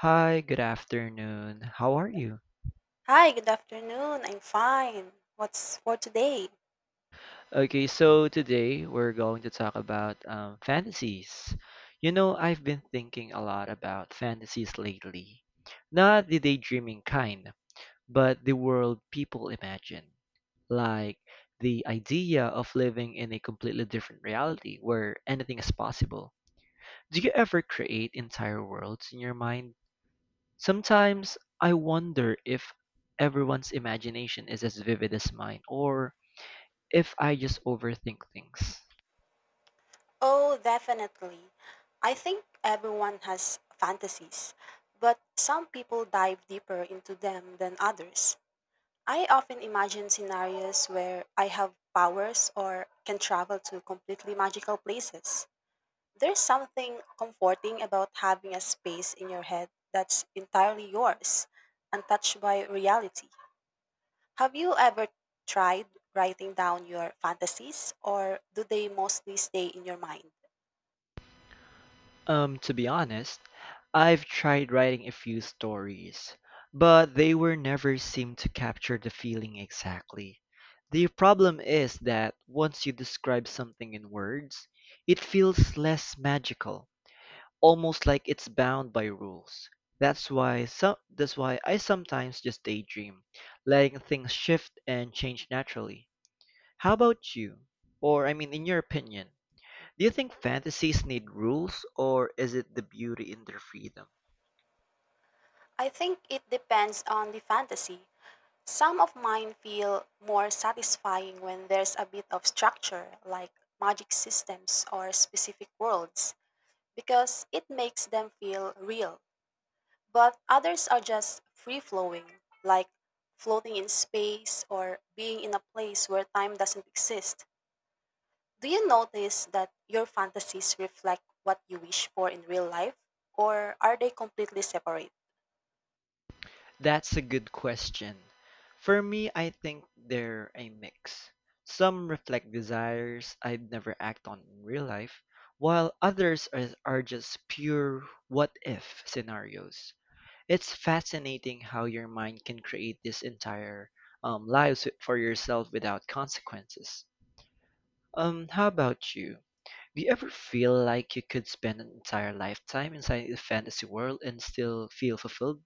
Hi, good afternoon. How are you? Hi, good afternoon. I'm fine. What's for today? Okay, so today we're going to talk about fantasies. You know, I've been thinking a lot about fantasies lately. Not the daydreaming kind, but the world people imagine. Like the idea of living in a completely different reality where anything is possible. Do you ever create entire worlds in your mind? Sometimes I wonder if everyone's imagination is as vivid as mine or if I just overthink things. Oh, definitely. I think everyone has fantasies, but some people dive deeper into them than others. I often imagine scenarios where I have powers or can travel to completely magical places. There's something comforting about having a space in your head that's entirely yours, untouched by reality. Have you ever tried writing down your fantasies, or do they mostly stay in your mind? To be honest, I've tried writing a few stories, but they were never seem to capture the feeling exactly. The problem is that once you describe something in words, it feels less magical. Almost like it's bound by rules. That's why I sometimes just daydream, letting things shift and change naturally. How about you? Or I mean in your opinion, do you think fantasies need rules or is it the beauty in their freedom? I think it depends on the fantasy. Some of mine feel more satisfying when there's a bit of structure, like magic systems or specific worlds, because it makes them feel real. But others are just free flowing, like floating in space or being in a place where time doesn't exist. Do you notice that your fantasies reflect what you wish for in real life, or are they completely separate? That's a good question. For me, I think they're a mix. Some reflect desires I'd never act on in real life, while others are just pure what if scenarios. It's fascinating how your mind can create this entire lives for yourself without consequences. How about you? Do you ever feel like you could spend an entire lifetime inside the fantasy world and still feel fulfilled?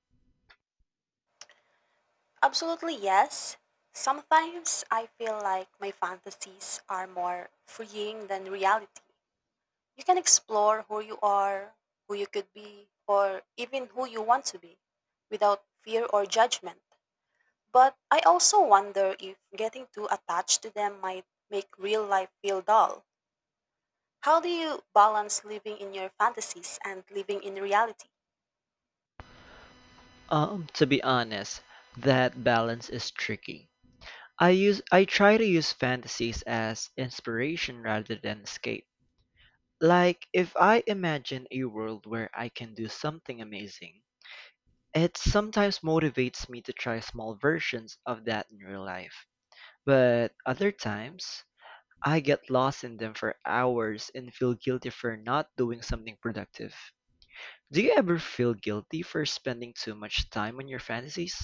Absolutely, yes. Sometimes I feel like my fantasies are more freeing than reality. You can explore who you are, who you could be, or even who you want to be without fear or judgment. But I also wonder if getting too attached to them might make real life feel dull. How do you balance living in your fantasies and living in reality? To be honest, that balance is tricky. I try to use fantasies as inspiration rather than escape. Like if I imagine a world where I can do something amazing, it sometimes motivates me to try small versions of that in real life, but other times I get lost in them for hours and feel guilty for not doing something productive. Do you ever feel guilty for spending too much time on your fantasies?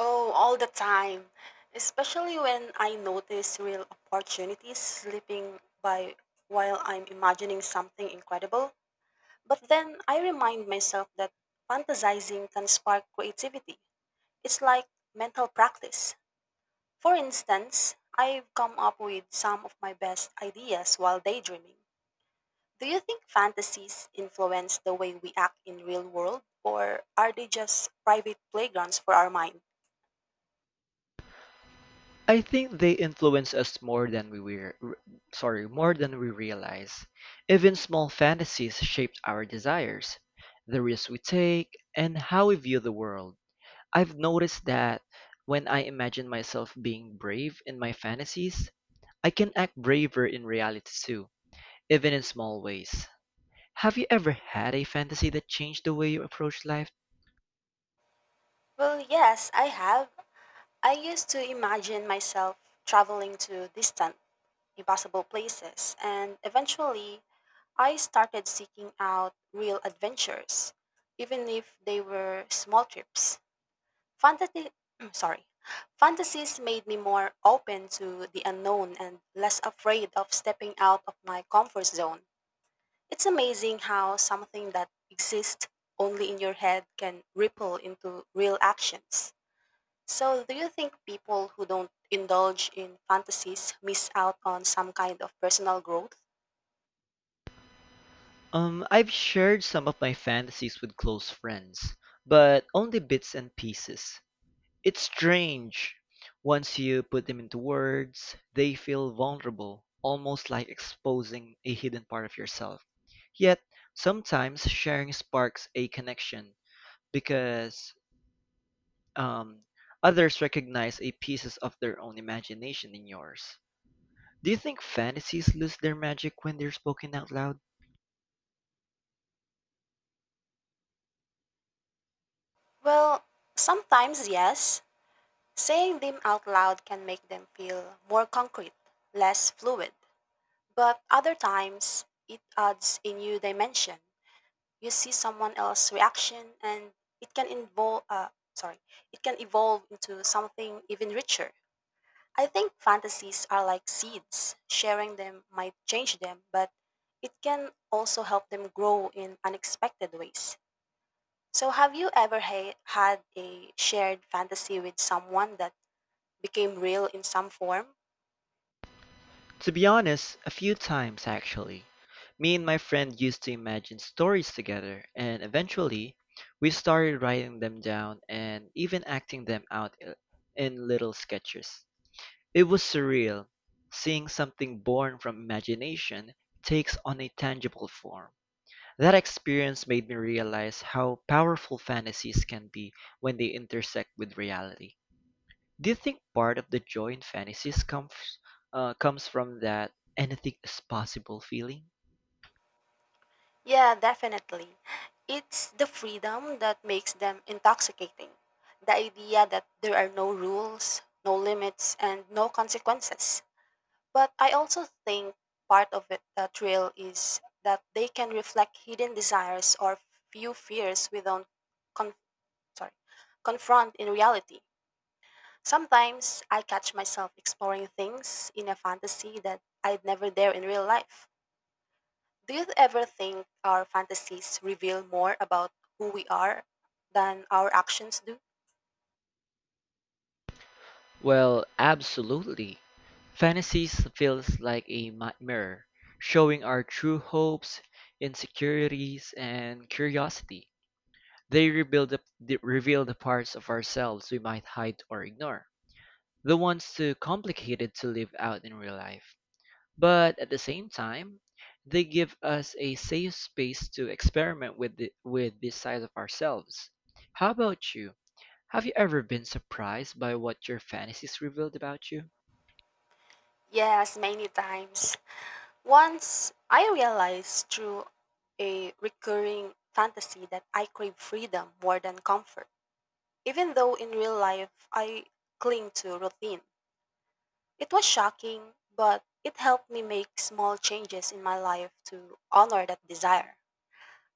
Oh, all the time. Especially when I notice real opportunities slipping by while I'm imagining something incredible. But then I remind myself that fantasizing can spark creativity. It's like mental practice. For instance, I've come up with some of my best ideas while daydreaming. Do you think fantasies influence the way we act in real world, or are they just private playgrounds for our mind? I think they influence us more than more than we realize. Even small fantasies shape our desires, the risks we take, and how we view the world. I've noticed that when I imagine myself being brave in my fantasies, I can act braver in reality too, even in small ways. Have you ever had a fantasy that changed the way you approach life? Well, yes, I have. I used to imagine myself traveling to distant, impossible places, and eventually I started seeking out real adventures, even if they were small trips. Fantasy, sorry. Fantasies made me more open to the unknown and less afraid of stepping out of my comfort zone. It's amazing how something that exists only in your head can ripple into real actions. So, do you think people who don't indulge in fantasies miss out on some kind of personal growth? I've shared some of my fantasies with close friends, but only bits and pieces. It's strange. Once you put them into words, they feel vulnerable, almost like exposing a hidden part of yourself. Yet, sometimes sharing sparks a connection because um, others recognize a pieces of their own imagination in yours. Do you think fantasies lose their magic when they're spoken out loud? Well, sometimes yes. Saying them out loud can make them feel more concrete, less fluid. But other times, it adds a new dimension. You see someone else's reaction, and it can involve uh, sorry it can evolve into something even richer. I think fantasies are like seeds. Sharing them might change them, but it can also help them grow in unexpected ways. So have you ever had a shared fantasy with someone that became real in some form? To be honest, a few times actually. Me and my friend used to imagine stories together, and eventually, we started writing them down and even acting them out in little sketches. It was surreal, seeing something born from imagination takes on a tangible form. That experience made me realize how powerful fantasies can be when they intersect with reality. Do you think part of the joy in fantasies comes comes from that anything is possible feeling? Yeah, definitely. It's the freedom that makes them intoxicating. The idea that there are no rules, no limits, and no consequences. But I also think part of it, the thrill, is that they can reflect hidden desires or few fears we don't con- sorry, confront in reality. Sometimes I catch myself exploring things in a fantasy that I'd never dare in real life. Do you ever think our fantasies reveal more about who we are than our actions do? Well, absolutely. Fantasies feels like a mirror, showing our true hopes, insecurities, and curiosity. They reveal the parts of ourselves we might hide or ignore, the ones too complicated to live out in real life. But at the same time, they give us a safe space to experiment with with this side of ourselves. How about you? Have you ever been surprised by what your fantasies revealed about you? Yes, many times. Once I realized through a recurring fantasy that I crave freedom more than comfort, even though in real life I cling to routine. It was shocking, but it helped me make small changes in my life to honor that desire.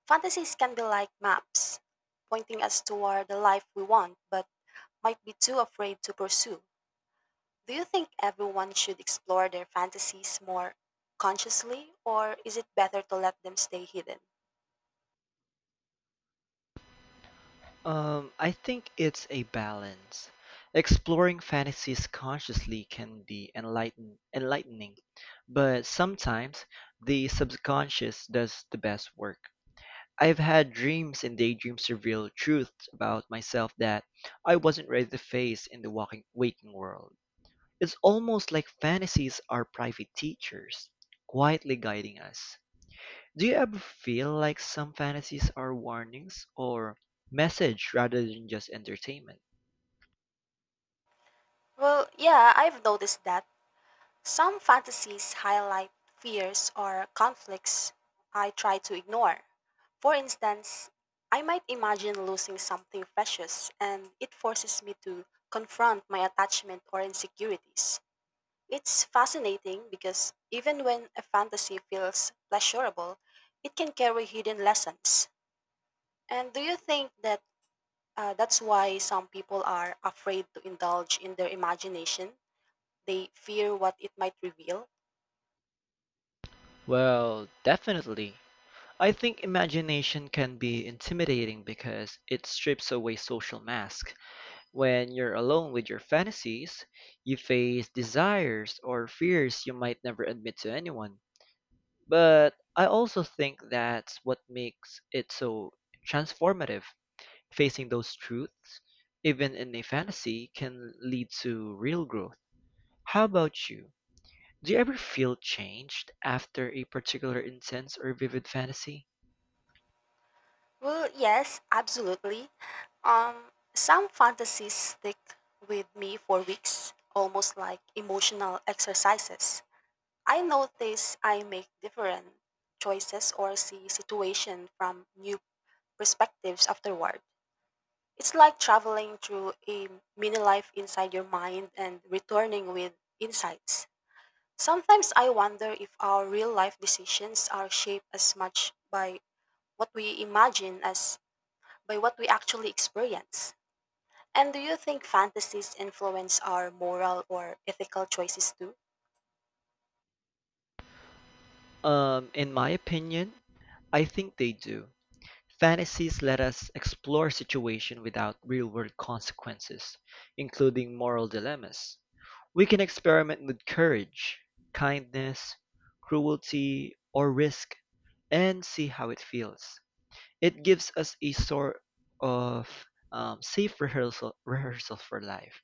Fantasies can be like maps, pointing us toward the life we want, but might be too afraid to pursue. Do you think everyone should explore their fantasies more consciously, or is it better to let them stay hidden? I think it's a balance. Exploring fantasies consciously can be enlightening, but sometimes the subconscious does the best work. I've had dreams and daydreams reveal truths about myself that I wasn't ready to face in the waking world. It's almost like fantasies are private teachers, quietly guiding us. Do you ever feel like some fantasies are warnings or message rather than just entertainment? Well, yeah, I've noticed that. Some fantasies highlight fears or conflicts I try to ignore. For instance, I might imagine losing something precious, and it forces me to confront my attachment or insecurities. It's fascinating because even when a fantasy feels pleasurable, it can carry hidden lessons. And do you think that that's why some people are afraid to indulge in their imagination? They fear what it might reveal? Well, definitely. I think imagination can be intimidating because it strips away social masks. When you're alone with your fantasies, you face desires or fears you might never admit to anyone. But I also think that's what makes it so transformative. Facing those truths, even in a fantasy, can lead to real growth. How about you? Do you ever feel changed after a particular intense or vivid fantasy? Well, yes, absolutely. Some fantasies stick with me for weeks, almost like emotional exercises. I notice I make different choices or see situation from new perspectives afterward. It's like traveling through a mini life inside your mind and returning with insights. Sometimes I wonder if our real life decisions are shaped as much by what we imagine as by what we actually experience. And do you think fantasies influence our moral or ethical choices too? In my opinion, I think they do. Fantasies let us explore situations without real-world consequences, including moral dilemmas. We can experiment with courage, kindness, cruelty, or risk and see how it feels. It gives us a sort of safe rehearsal for life,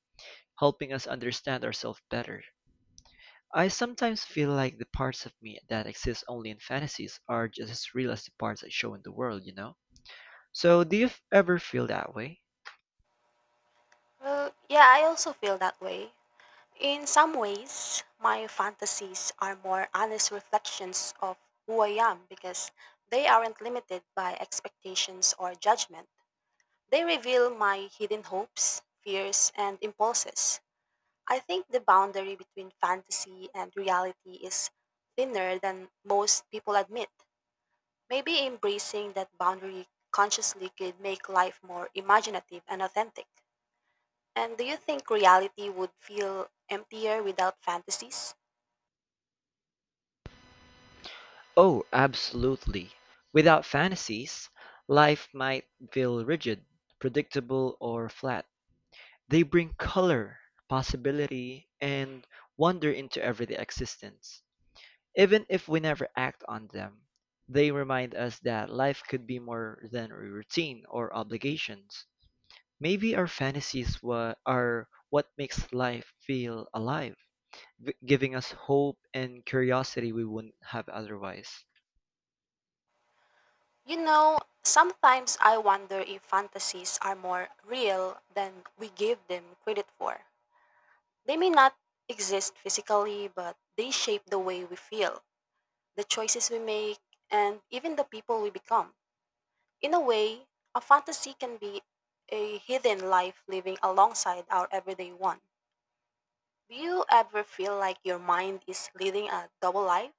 helping us understand ourselves better. I sometimes feel like the parts of me that exist only in fantasies are just as real as the parts I show in the world, you know? So, ever feel that way? Well, yeah, I also feel that way. In some ways, my fantasies are more honest reflections of who I am because they aren't limited by expectations or judgment. They reveal my hidden hopes, fears, and impulses. I think the boundary between fantasy and reality is thinner than most people admit. Maybe embracing that boundary consciously could make life more imaginative and authentic. And do you think reality would feel emptier without fantasies? Oh, absolutely. Without fantasies, life might feel rigid, predictable, or flat. They bring color, possibility, and wonder into everyday existence. Even if we never act on them, they remind us that life could be more than a routine or obligations. Maybe our are what makes life feel alive. Giving us hope and curiosity we wouldn't have otherwise. You know, sometimes I wonder if fantasies are more real than we give them credit for. They may not exist physically, but they shape the way we feel, the choices we make, and even the people we become. In a way, a fantasy can be a hidden life living alongside our everyday one. Do you ever feel like your mind is leading a double life,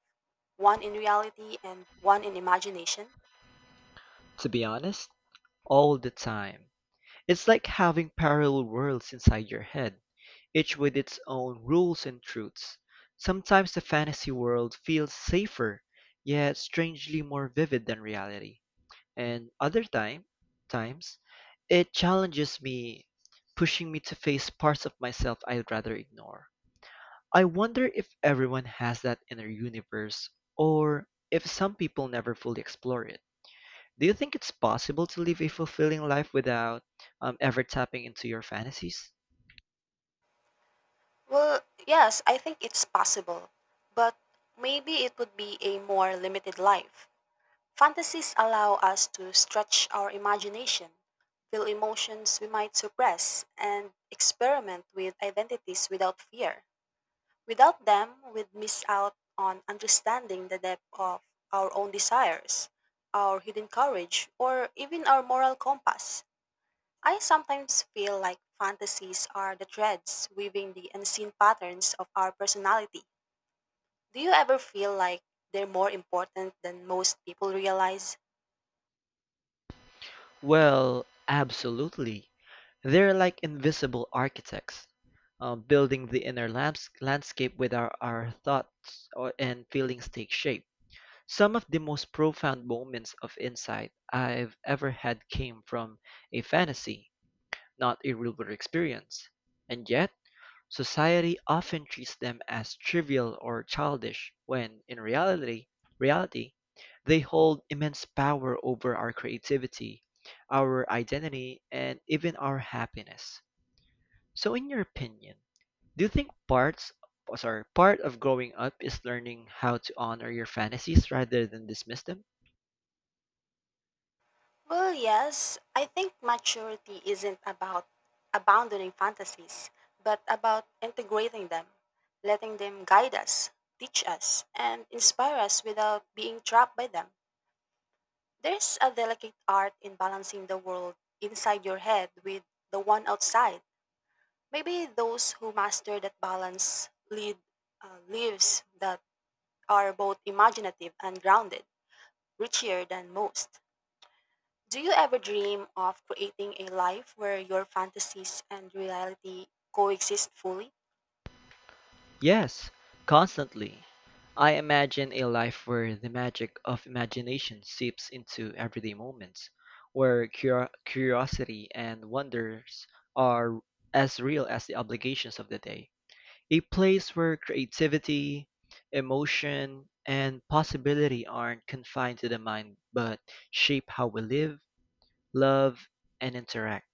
one in reality and one in imagination? To be honest, all the time. It's like having parallel worlds inside your head, each with its own rules and truths. Sometimes the fantasy world feels safer, yet strangely more vivid than reality. And times, it challenges me, pushing me to face parts of myself I'd rather ignore. I wonder if everyone has that inner universe, or if some people never fully explore it. Do you think it's possible to live a fulfilling life without ever tapping into your fantasies? Well, yes, I think it's possible, but maybe it would be a more limited life. Fantasies allow us to stretch our imagination, feel emotions we might suppress, and experiment with identities without fear. Without them, we'd miss out on understanding the depth of our own desires, our hidden courage, or even our moral compass. I sometimes feel like fantasies are the threads weaving the unseen patterns of our personality. Do you ever feel like they're more important than most people realize? Well, absolutely. They're like invisible architects, building the landscape with our thoughts and feelings take shape. Some of the most profound moments of insight I've ever had came from a fantasy not a real-world experience, and yet society often treats them as trivial or childish when in reality, they hold immense power over our creativity, our identity, and even our happiness. So in your opinion, do you think part of growing up is learning how to honor your fantasies rather than dismiss them? Well, yes, I think maturity isn't about abandoning fantasies, but about integrating them, letting them guide us, teach us, and inspire us without being trapped by them. There's a delicate art in balancing the world inside your head with the one outside. Maybe those who master that balance lead lives that are both imaginative and grounded, richer than most. Do you ever dream of creating a life where your fantasies and reality coexist fully? Yes, constantly. I imagine a life where the magic of imagination seeps into everyday moments, where curiosity and wonders are as real as the obligations of the day. A place where creativity, emotion, and possibility aren't confined to the mind but shape how we live, love, and interact.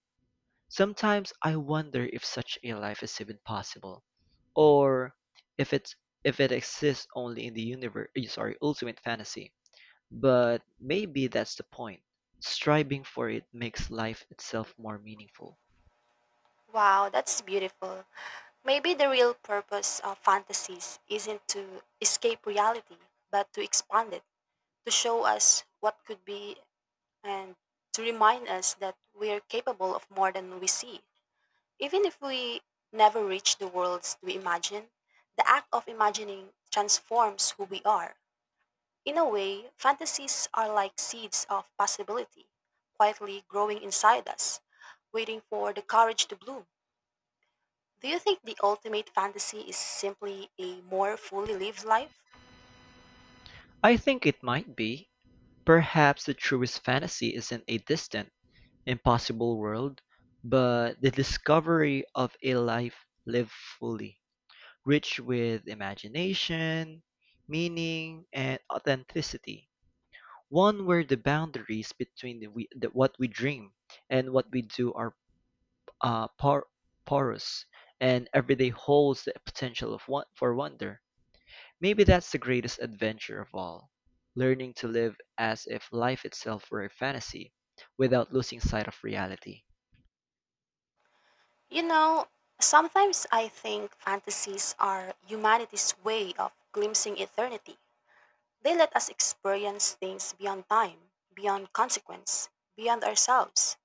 Sometimes I wonder if such a life is even possible, or if it's if it exists only in the ultimate fantasy. But maybe that's the point. Striving for it makes life itself more meaningful. Wow, that's beautiful. Maybe the real purpose of fantasies isn't to escape reality, but to expand it, to show us what could be and to remind us that we are capable of more than we see. Even if we never reach the worlds we imagine, the act of imagining transforms who we are. In a way, fantasies are like seeds of possibility, quietly growing inside us, waiting for the courage to bloom. Do you think the ultimate fantasy is simply a more fully lived life? I think it might be. Perhaps the truest fantasy isn't a distant, impossible world, but the discovery of a life lived fully, rich with imagination, meaning, and authenticity. One where the boundaries between what we dream and what we do are uh, por- porous, and every day holds the potential for wonder. Maybe that's the greatest adventure of all. Learning to live as if life itself were a fantasy, without losing sight of reality. You know, sometimes I think fantasies are humanity's way of glimpsing eternity. They let us experience things beyond time, beyond consequence, beyond ourselves.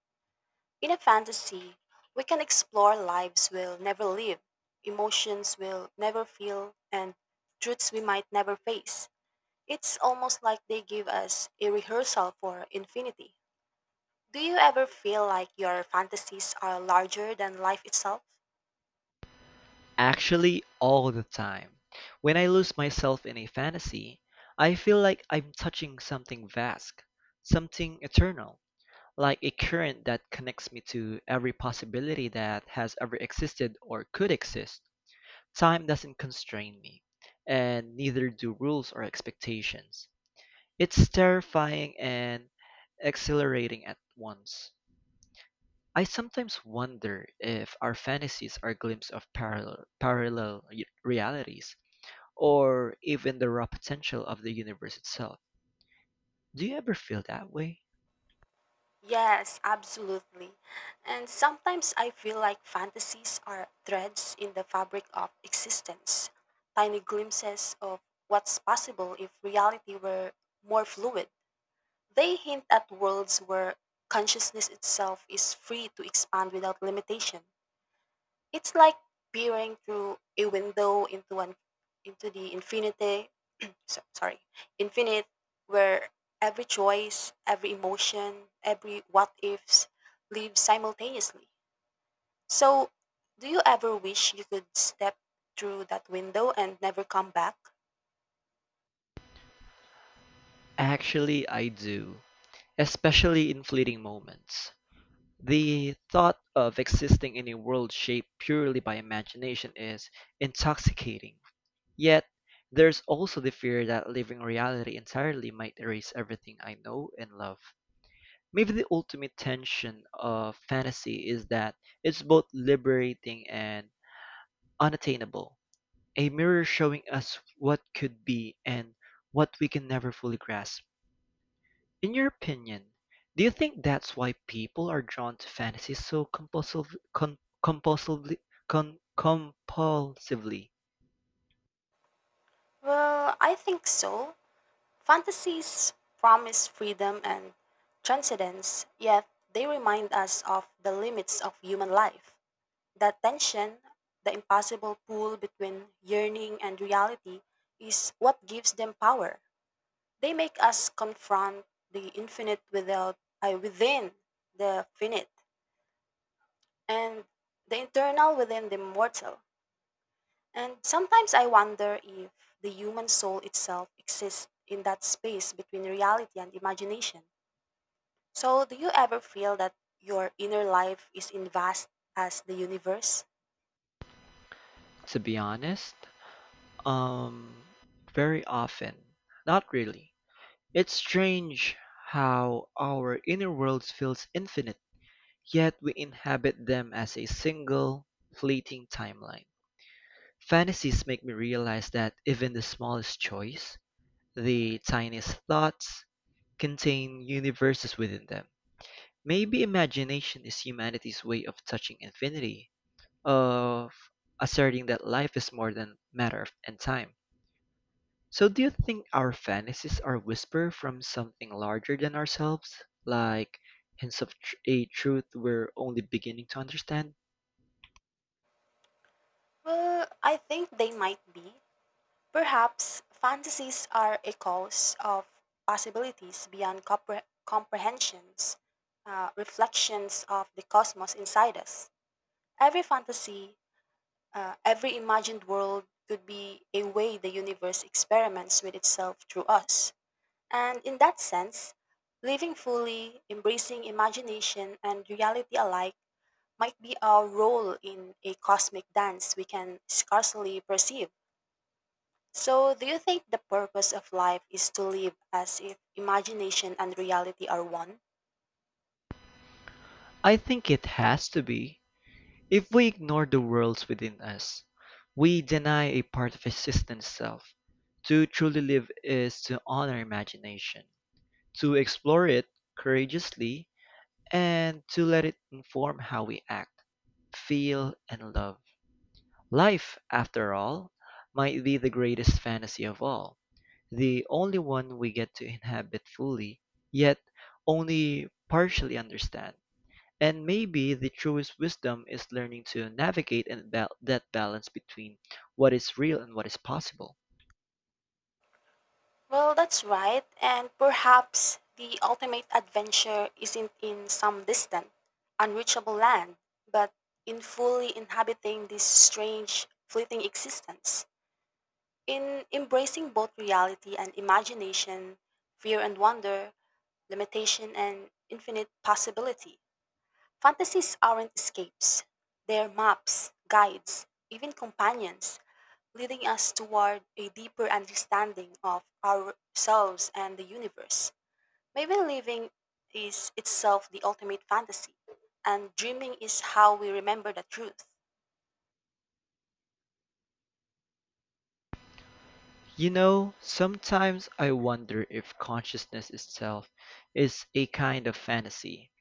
In a fantasy, we can explore lives we'll never live, emotions we'll never feel, and truths we might never face. It's almost like they give us a rehearsal for infinity. Do you ever feel like your fantasies are larger than life itself? Actually, all the time. When I lose myself in a fantasy, I feel like I'm touching something vast, something eternal. Like a current that connects me to every possibility that has ever existed or could exist. Time doesn't constrain me, and neither do rules or expectations. It's terrifying and exhilarating at once. I sometimes wonder if our fantasies are glimpses of realities, or even the raw potential of the universe itself. Do you ever feel that way? Yes, absolutely. And sometimes I feel like fantasies are threads in the fabric of existence, tiny glimpses of what's possible if reality were more fluid. They hint at worlds where consciousness itself is free to expand without limitation. It's like peering through a window into the so, sorry, infinite, where every choice, every emotion, every what ifs lives simultaneously. So, do you ever wish you could step through that window and never come back? Actually, I do, especially in fleeting moments. The thought of existing in a world shaped purely by imagination is intoxicating. Yet, there's also the fear that living reality entirely might erase everything I know and love. Maybe the ultimate tension of fantasy is that it's both liberating and unattainable, a mirror showing us what could be and what we can never fully grasp. In your opinion, do you think that's why people are drawn to fantasy so compulsively compulsively? Well, I think so. Fantasies promise freedom and transcendence, yet they remind us of the limits of human life. That tension, the impossible pull between yearning and reality, is what gives them power. They make us confront the infinite without within the finite and the internal within the mortal. And sometimes I wonder if the human soul itself exists in that space between reality and imagination. So do you ever feel that your inner life is in vast as the universe? To be honest, um very often. Not really. It's strange how our inner worlds feels infinite, yet we inhabit them as a single fleeting timeline. Fantasies make me realize that even the smallest choice, the tiniest thoughts, contain universes within them. Maybe imagination is humanity's way of touching infinity, of asserting that life is more than and time. So do you think our fantasies are whisper from something larger than ourselves? Like hints of a truth we're only beginning to understand? Well, I think they might be. Perhaps fantasies are echoes of possibilities beyond comprehensions, reflections of the cosmos inside us. Every fantasy, every imagined world could be a way the universe experiments with itself through us. And in that sense, living fully, embracing imagination and reality alike, might be our role in a cosmic dance we can scarcely perceive. So, do you think the purpose of life is to live as if imagination and reality are one? I think it has to be. If we ignore the worlds within us, we deny a part of existence self. To truly live is to honor imagination. To explore it courageously, and to let it inform how we act, feel, and love. Life, after all, might be the greatest fantasy of all, the only one we get to inhabit fully, yet only partially understand. And maybe the truest wisdom is learning to that balance between what is real and what is possible. Well, that's right, and perhaps the ultimate adventure isn't in some distant, unreachable land, but in fully inhabiting this strange, fleeting existence. In embracing both reality and imagination, fear and wonder, limitation and infinite possibility. Fantasies aren't escapes, they're maps, guides, even companions, leading us toward a deeper understanding of ourselves and the universe. Maybe living is itself the ultimate fantasy, and dreaming is how we remember the truth. You know, sometimes I wonder if consciousness itself is a kind of fantasy,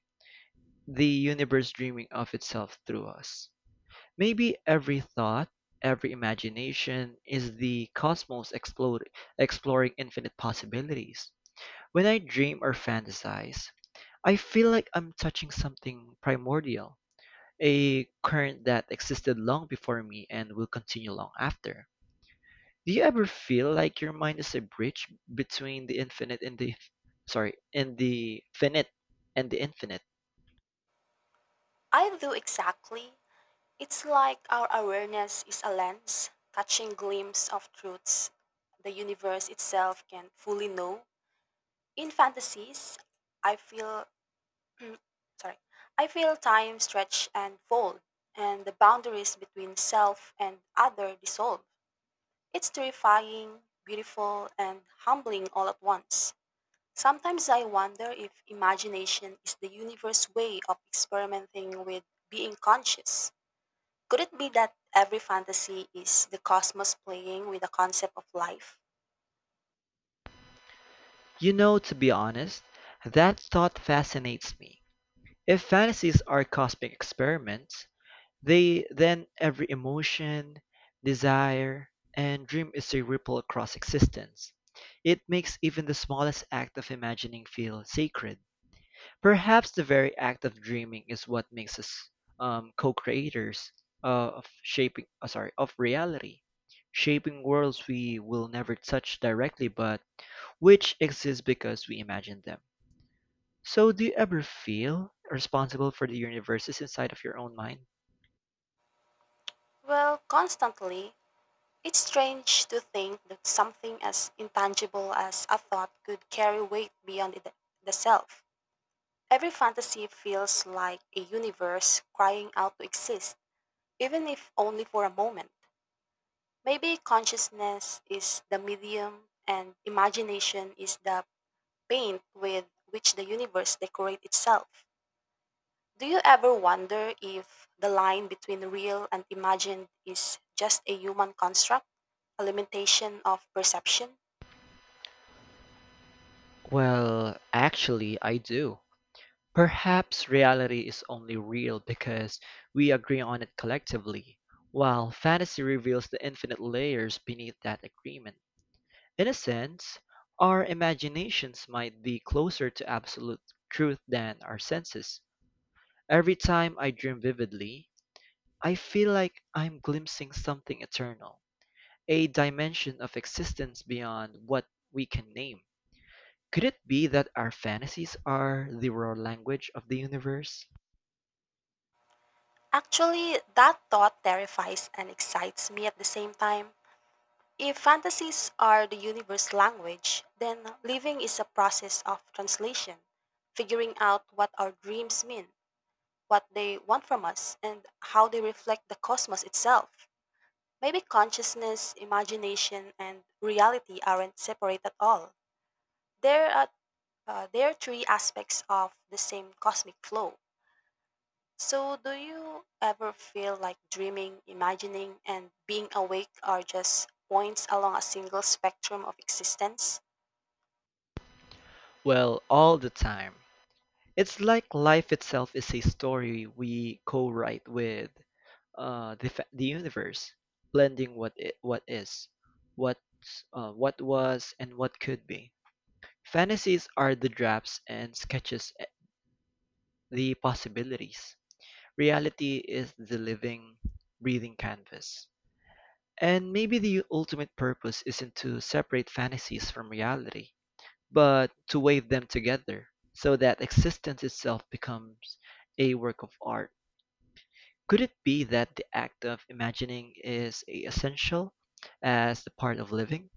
the universe dreaming of itself through us. Maybe every thought, every imagination is the exploring infinite possibilities. When I dream or fantasize, I feel like I'm touching something primordial, a current that existed long before me and will continue long after. Do you ever feel like your mind is a bridge between the infinite and the sorry, and the finite and the infinite? I do exactly. It's like our awareness is a lens, catching glimpse of truths the universe itself can fully know. In fantasies, I feel Mm, sorry. I feel time stretch and fold, and the boundaries between self and other dissolve. It's terrifying, beautiful, and humbling all at once. Sometimes I wonder if imagination is the universe's way of experimenting with being conscious. Could it be that every fantasy is the cosmos playing with the concept of life? You know, to be honest, that thought fascinates me. If fantasies are cosmic experiments, they then every emotion, desire, and dream is a ripple across existence. It makes even the smallest act of imagining feel sacred. Perhaps the very act of dreaming is what makes us co-creators of reality, shaping worlds we will never touch directly, but which exist because we imagine them. So do you ever feel responsible for the universes inside of your own mind? Well, constantly. It's strange to think that something as intangible as a thought could carry weight beyond the self. Every fantasy feels like a universe crying out to exist, even if only for a moment. Maybe consciousness is the medium and imagination is the paint with which the universe decorates itself. Do you ever wonder if the line between real and imagined is just a human construct, a limitation of perception? Well, actually, I do. Perhaps reality is only real because we agree on it collectively, while fantasy reveals the infinite layers beneath that agreement. In a sense, our imaginations might be closer to absolute truth than our senses. Every time I dream vividly, I feel like I'm glimpsing something eternal, a dimension of existence beyond what we can name. Could it be that our fantasies are the raw language of the universe? Actually, that thought terrifies and excites me at the same time. If fantasies are the universe language, then living is a process of translation, figuring out what our dreams mean, what they want from us, and how they reflect the cosmos itself. Maybe consciousness, imagination, and reality aren't separate at all. There are, there are three aspects of the same cosmic flow. So, do you ever feel like dreaming, imagining, and being awake are just points along a single spectrum of existence? Well, all the time. It's like life itself is a story we co-write with the universe, blending what is, what what was, and what could be. Fantasies are the drafts and sketches, the possibilities. Reality is the living, breathing canvas. And maybe the ultimate purpose isn't to separate fantasies from reality, but to wave them together so that existence itself becomes a work of art. Could it be that the act of imagining is as essential as the part of living?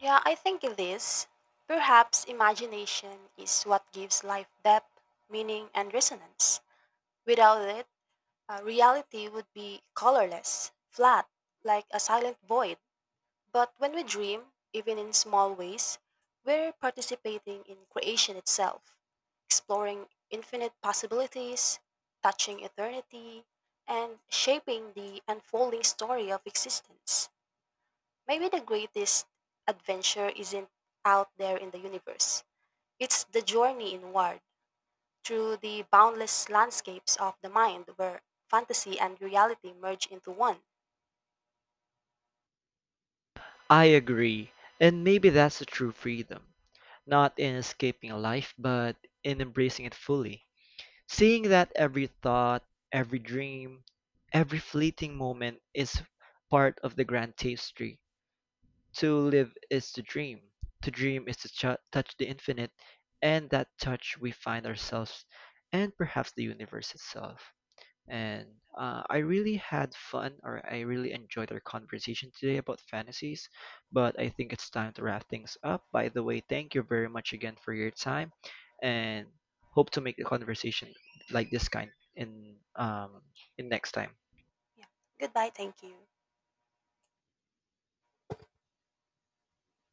Yeah, I think it is. Perhaps imagination is what gives life depth, meaning, and resonance. Without it, reality would be colorless, flat, like a silent void. But when we dream, even in small ways, we're participating in creation itself, exploring infinite possibilities, touching eternity, and shaping the unfolding story of existence. Maybe the greatest adventure isn't out there in the universe, it's the journey inward through the boundless landscapes of the mind where fantasy and reality merge into one. I agree, and maybe that's the true freedom, not in escaping a life, but in embracing it fully. Seeing that every thought, every dream, every fleeting moment is part of the grand tapestry. To live is to dream is to touch the infinite, and that touch we find ourselves and perhaps the universe itself. And I really had fun, or I really enjoyed our conversation today about fantasies. But I think it's time to wrap things up. By the way, thank you very much again for your time, and hope to make the conversation like this kind in next time. Yeah. Goodbye, thank you.